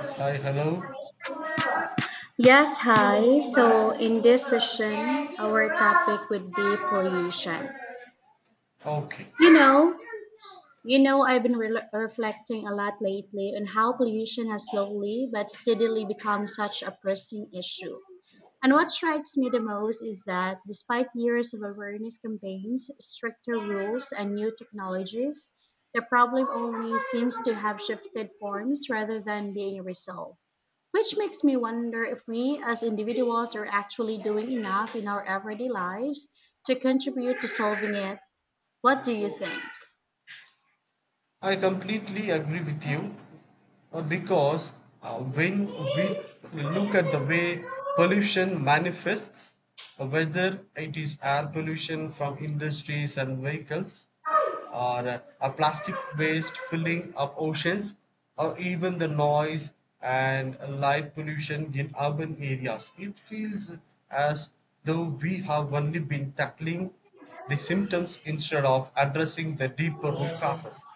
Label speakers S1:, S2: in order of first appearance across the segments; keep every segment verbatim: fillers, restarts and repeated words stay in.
S1: Say hello
S2: Yes, hi. So, in this session, our topic would be pollution.
S1: talking.
S2: You know, you know, I've been re- reflecting a lot lately on how pollution has slowly but steadily become such a pressing issue. And what strikes me the most is that despite years of awareness campaigns, stricter rules, and new technologies, the problem only seems to have shifted forms rather than being resolved. Which makes me wonder if we as individuals are actually doing enough in our everyday lives to contribute to solving it. What do you think?
S1: I completely agree with you uh, because uh, when we look at the way pollution manifests, uh, whether it is air pollution from industries and vehicles, or uh, a plastic waste filling up oceans, or even the noise and light pollution in urban areas. It feels as though we have only been tackling the symptoms instead of addressing the deeper root causes.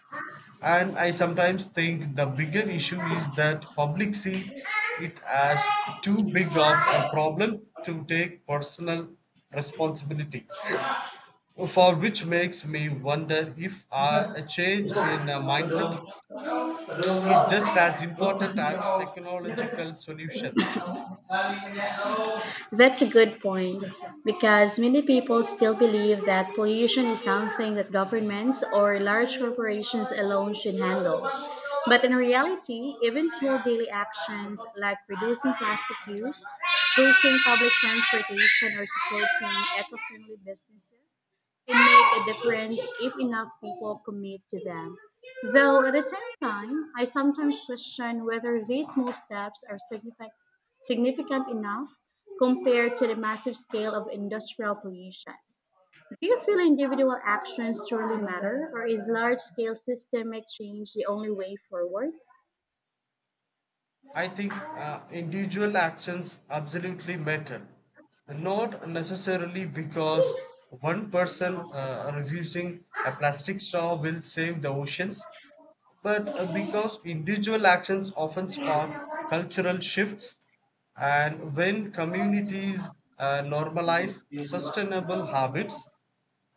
S1: And I sometimes think the bigger issue is that public see it as too big of a problem to take personal responsibility. For which makes me wonder if uh, a change in uh,
S2: Padung,
S1: mindset
S2: padung,
S1: is just as
S2: no, no,
S1: important as
S2: no.
S1: technological solutions.
S2: That's a good point because many people still believe that pollution is something that governments or large corporations alone should handle. But in reality, even small daily actions like reducing plastic use, choosing public transportation, or supporting eco friendly businesses can make a difference if enough people commit to them. Though at the same time, I sometimes question whether these small steps are significant significant enough compared to the massive scale of industrial pollution. Do you feel individual actions truly matter, or is large scale systemic change the only way forward?
S1: I think uh, individual actions absolutely matter. Not necessarily because one person uh, refusing a plastic straw will save the oceans, but uh, because individual actions often spark cultural shifts. And when communities uh, normalize sustainable habits,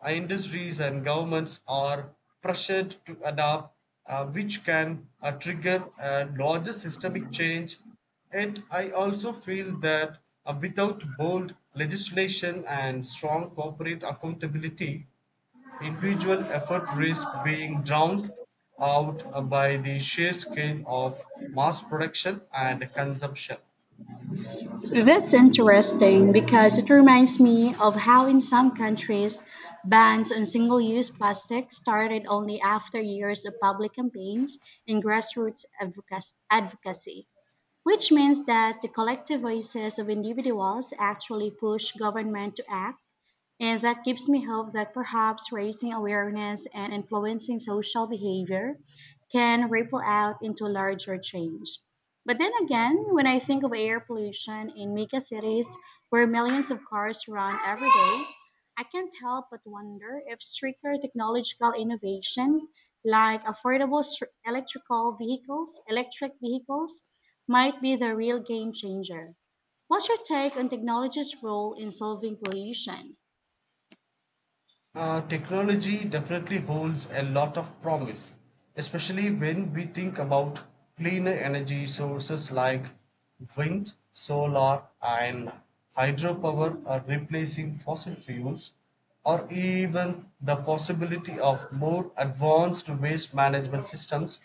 S1: uh, industries and governments are pressured to adapt, uh, which can uh, trigger a larger systemic change. Yet, I also feel that uh, without bold legislation and strong corporate accountability, individual effort risk being drowned out uh, by the sheer scale of mass production and consumption.
S2: That's interesting because it reminds me of how, in some countries, bans on single use plastics started only after years of public campaigns and grassroots advocac- advocacy. Which means that the collective voices of individuals actually push government to act, and that gives me hope that perhaps raising awareness and influencing social behavior can ripple out into larger change. But then again, when I think of air pollution in mega cities where millions of cars run every day, I can't help but wonder if stricter technological innovation like affordable str- electrical vehicles, electric vehicles, might be the real game changer. What's your take on technology's role in solving pollution?
S1: Uh, technology definitely holds a lot of promise, especially when we think about cleaner energy sources like wind, solar, and hydropower are replacing fossil fuels, or even the possibility of more advanced waste management systems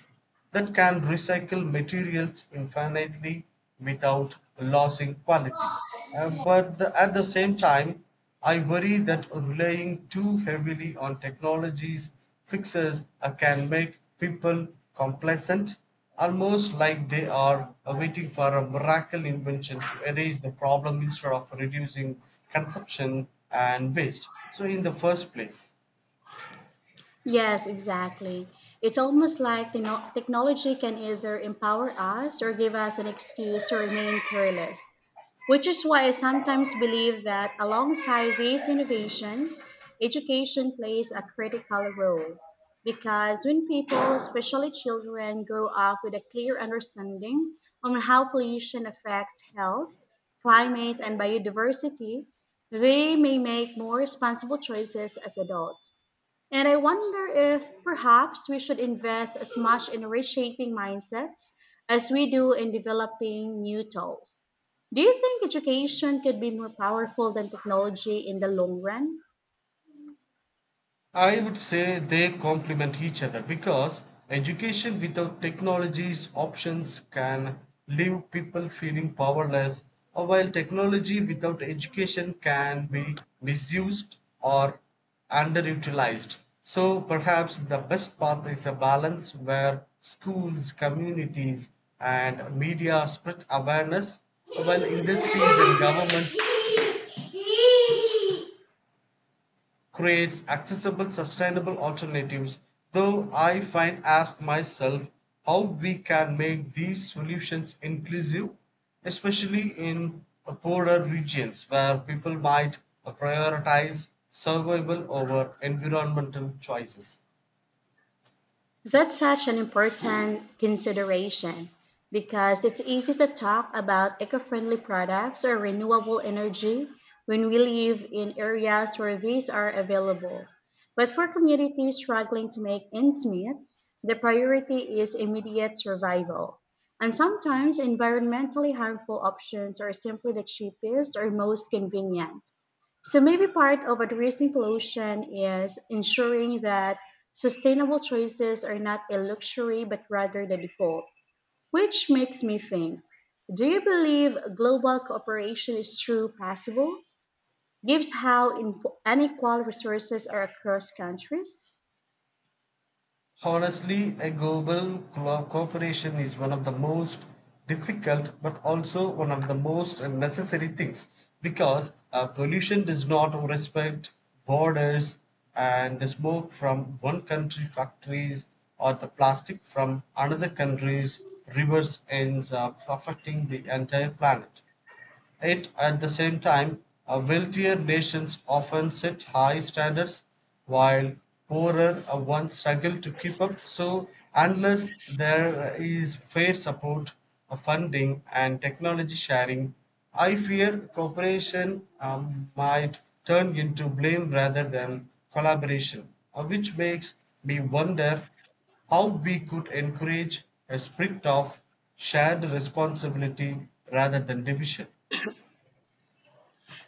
S1: that can recycle materials infinitely without losing quality. Uh,
S2: 音乐
S1: but the, at the same time, I worry that relying too heavily on technologies fixes uh, can make people complacent, almost like they are uh, waiting for a miracle invention to erase the problem instead of reducing consumption and waste. So, in the first place,
S2: Yes, exactly. It's almost like techno- technology can either empower us or give us an excuse to remain careless, which is why I sometimes believe that alongside these innovations, education plays a critical role. Because when people, especially children, grow up with a clear understanding on how pollution affects health, climate, and biodiversity, they may make more responsible choices as adults, and I wonder if perhaps we should invest as much in reshaping mindsets as we do in developing new tools. Do you think education could be more powerful than technology in the long run?
S1: I would say they complement each other because education without technology's options can leave people feeling powerless, or while technology without education can be misused or underutilized. So perhaps the best path is a balance where schools, communities, and media spread awareness, while industries and governments creates accessible sustainable alternatives, though I find ask myself how we can make these solutions inclusive, especially in uh, poorer regions where people might uh, prioritize survival over environmental choices.
S2: That's such an important consideration because it's easy to talk about eco friendly products or renewable energy when we live in areas where these are available. But for communities struggling to make ends meet, the priority is immediate survival. And sometimes environmentally harmful options are simply the cheapest or most convenient. So maybe part of addressing pollution is ensuring that sustainable choices are not a luxury but rather the default, which makes me think, do you believe global cooperation is truly possible? Gives how info- unequal resources are across countries?
S1: Honestly, a global co- cooperation is one of the most difficult but also one of the most necessary things, because uh, pollution does not respect borders, and the smoke from one country factories or the plastic from another country's rivers ends up affecting the entire planet. Yet, at the same time, uh, wealthier nations often set high standards while poorer uh, ones struggle to keep up. So, unless there is fair support, uh, funding, and technology sharing, I fear cooperation um, might turn into blame rather than collaboration, uh, which makes me wonder how we could encourage a spirit of shared responsibility rather than division.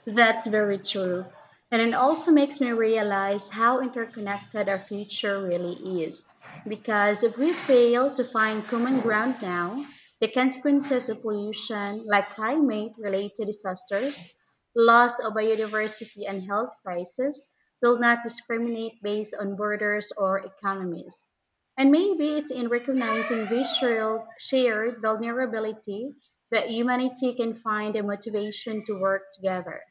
S2: That's very true. And it also makes me realize how interconnected our future really is. Because if we fail to find common ground now, the consequences of pollution, like climate related disasters, loss of biodiversity, and health crisis, will not discriminate based on borders or economies. And maybe it's in recognizing this shared shared vulnerability that humanity can find a motivation to work together.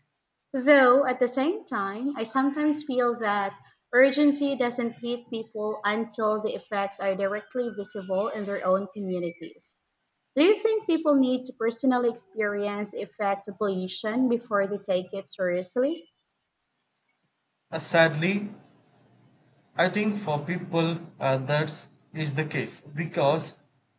S2: Though at the same time, I sometimes feel that urgency doesn't hit people until the effects are directly visible in their own communities. Do you think people need to personally experience the effects of pollution before they take it seriously?
S1: Uh, Sadly, I think for people uh, that is the case, because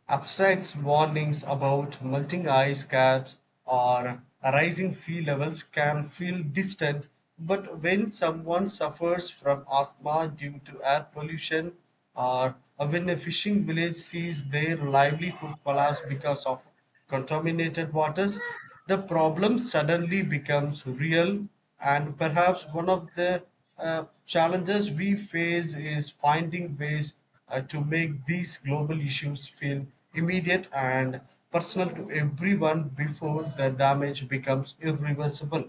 S1: abstract warnings about melting ice caps or rising sea levels can feel distant. But when someone suffers from asthma due to air pollution, or when a fishing village sees their livelihood collapse because of contaminated waters, the problem suddenly becomes real. And perhaps one of the uh, challenges we face is finding ways uh, to make these global issues feel immediate and personal to everyone before the damage becomes irreversible.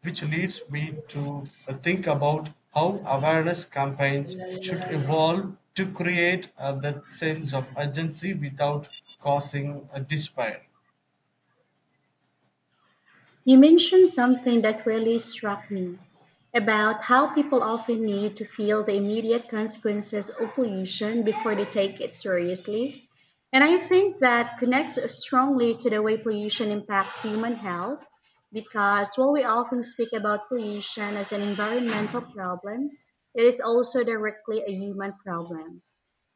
S1: Which leads me to uh, think about how awareness campaigns should evolve to create uh, that sense of urgency without causing a despair.
S2: You mentioned something that really struck me about how people often need to feel the immediate consequences of pollution before they take it seriously. And I think that connects strongly to the way pollution impacts human health, because while we often speak about pollution as an environmental problem, it is also directly a human problem.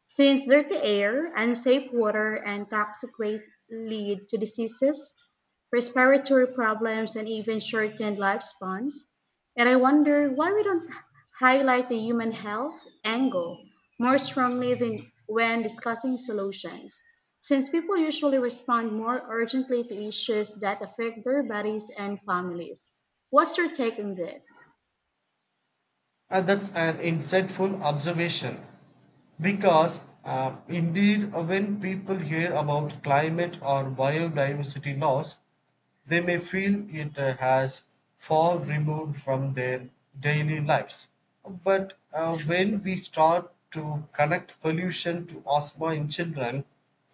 S2: Since dirty air, unsafe water, and toxic waste lead to diseases, respiratory problems, and even shortened lifespans, and I wonder why we don't highlight the human health angle more strongly than when discussing solutions, since people usually respond more urgently to issues that affect their bodies and families. What's your take on this?
S1: And that's an insightful observation because, uh, indeed, uh, when people hear about climate or biodiversity loss, they may feel it uh, has far removed from their daily lives. But uh, when we start to connect pollution to asthma in children,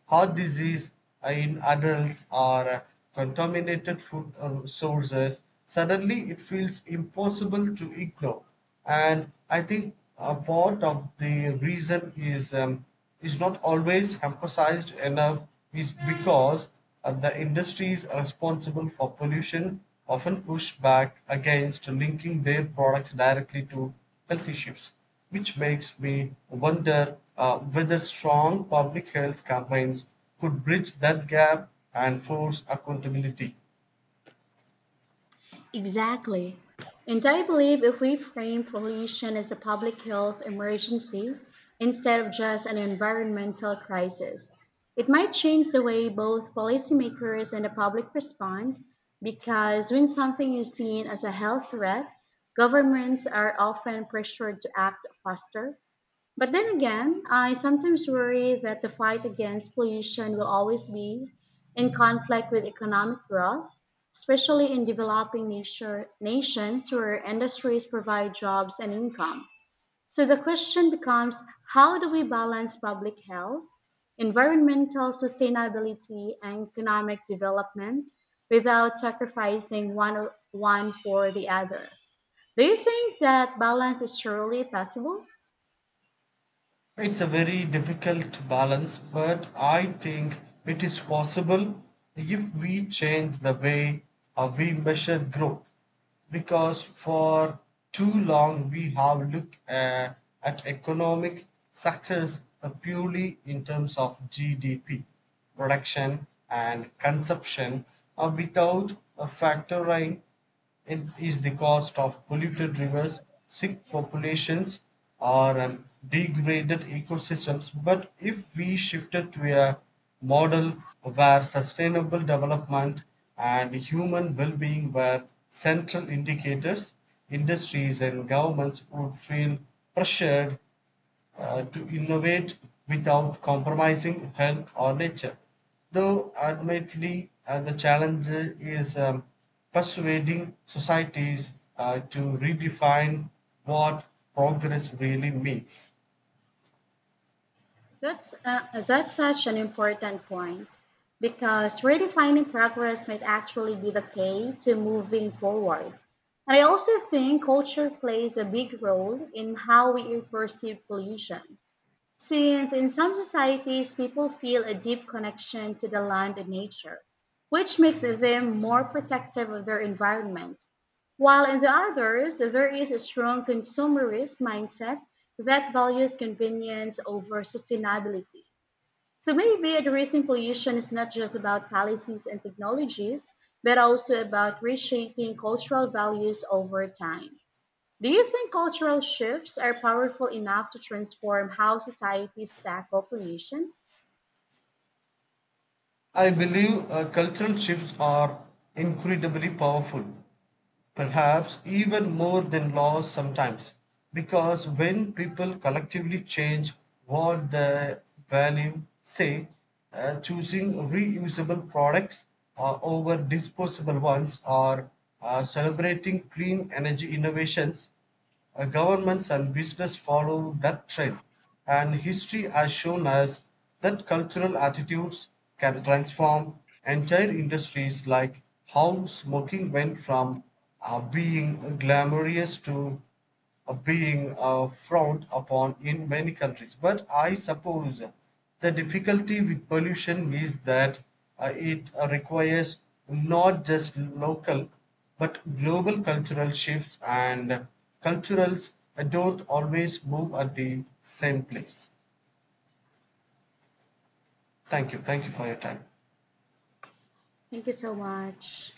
S1: heart disease in adults, or uh, contaminated food uh, sources, suddenly it feels impossible to ignore. And I think a part of the reason is. Um, is not always emphasized enough, is because uh, the industries responsible for pollution often push back against linking their products directly to health issues, which makes me wonder uh, whether strong public health campaigns could bridge that gap and force accountability.
S2: Exactly. And I believe if we frame pollution as a public health emergency instead of just an environmental crisis, it might change the way both policymakers and the public respond, because when something is seen as a health threat, governments are often pressured to act faster. But then again, I sometimes worry that the fight against pollution will always be in conflict with economic growth, especially in developing nature, nations where industries provide jobs and income. So the question becomes, how do we balance public health, environmental sustainability, and economic development without sacrificing one, one for the other? Do you think that balance is surely possible?
S1: It's a very difficult balance, but I think it is possible if we change the way uh, we measure growth. Because for too long we have looked uh, at economic success uh, purely in terms of G D P, production, and consumption uh, without uh, factoring it is the cost of polluted rivers, sick populations, or um, degraded ecosystems. But if we shifted to a model where sustainable development and human well being were central indicators, industries and governments would feel pressured uh, to innovate without compromising health or nature. Though, admittedly, uh, the challenge is um, persuading societies uh, to redefine what progress really means.
S2: That's uh, that's such an important point because redefining progress might actually be the key to moving forward. And I also think culture plays a big role in how we perceive pollution. Since in some societies people feel a deep connection to the land and nature, which makes them more protective of their environment, while in the others there is a strong consumerist mindset that values convenience over sustainability. So maybe addressing pollution is not just about policies and technologies, but also about reshaping cultural values over time. Do you think cultural shifts are powerful enough to transform how societies tackle pollution?
S1: I believe uh, cultural shifts are incredibly powerful, perhaps even more than laws sometimes, because when people collectively change what they value, say, uh, choosing reusable products uh, over disposable ones, or uh, celebrating clean energy innovations, uh, governments and business follow that trend, and history has shown us that cultural attitudes can transform entire industries, like how smoking went from uh, being glamorous to being uh, frowned upon in many countries. But I suppose the difficulty with pollution is that uh, it uh, requires not just local but global cultural shifts, and culturals uh, don't always move at the same place. Thank you. Thank you for your time.
S2: Thank you so much.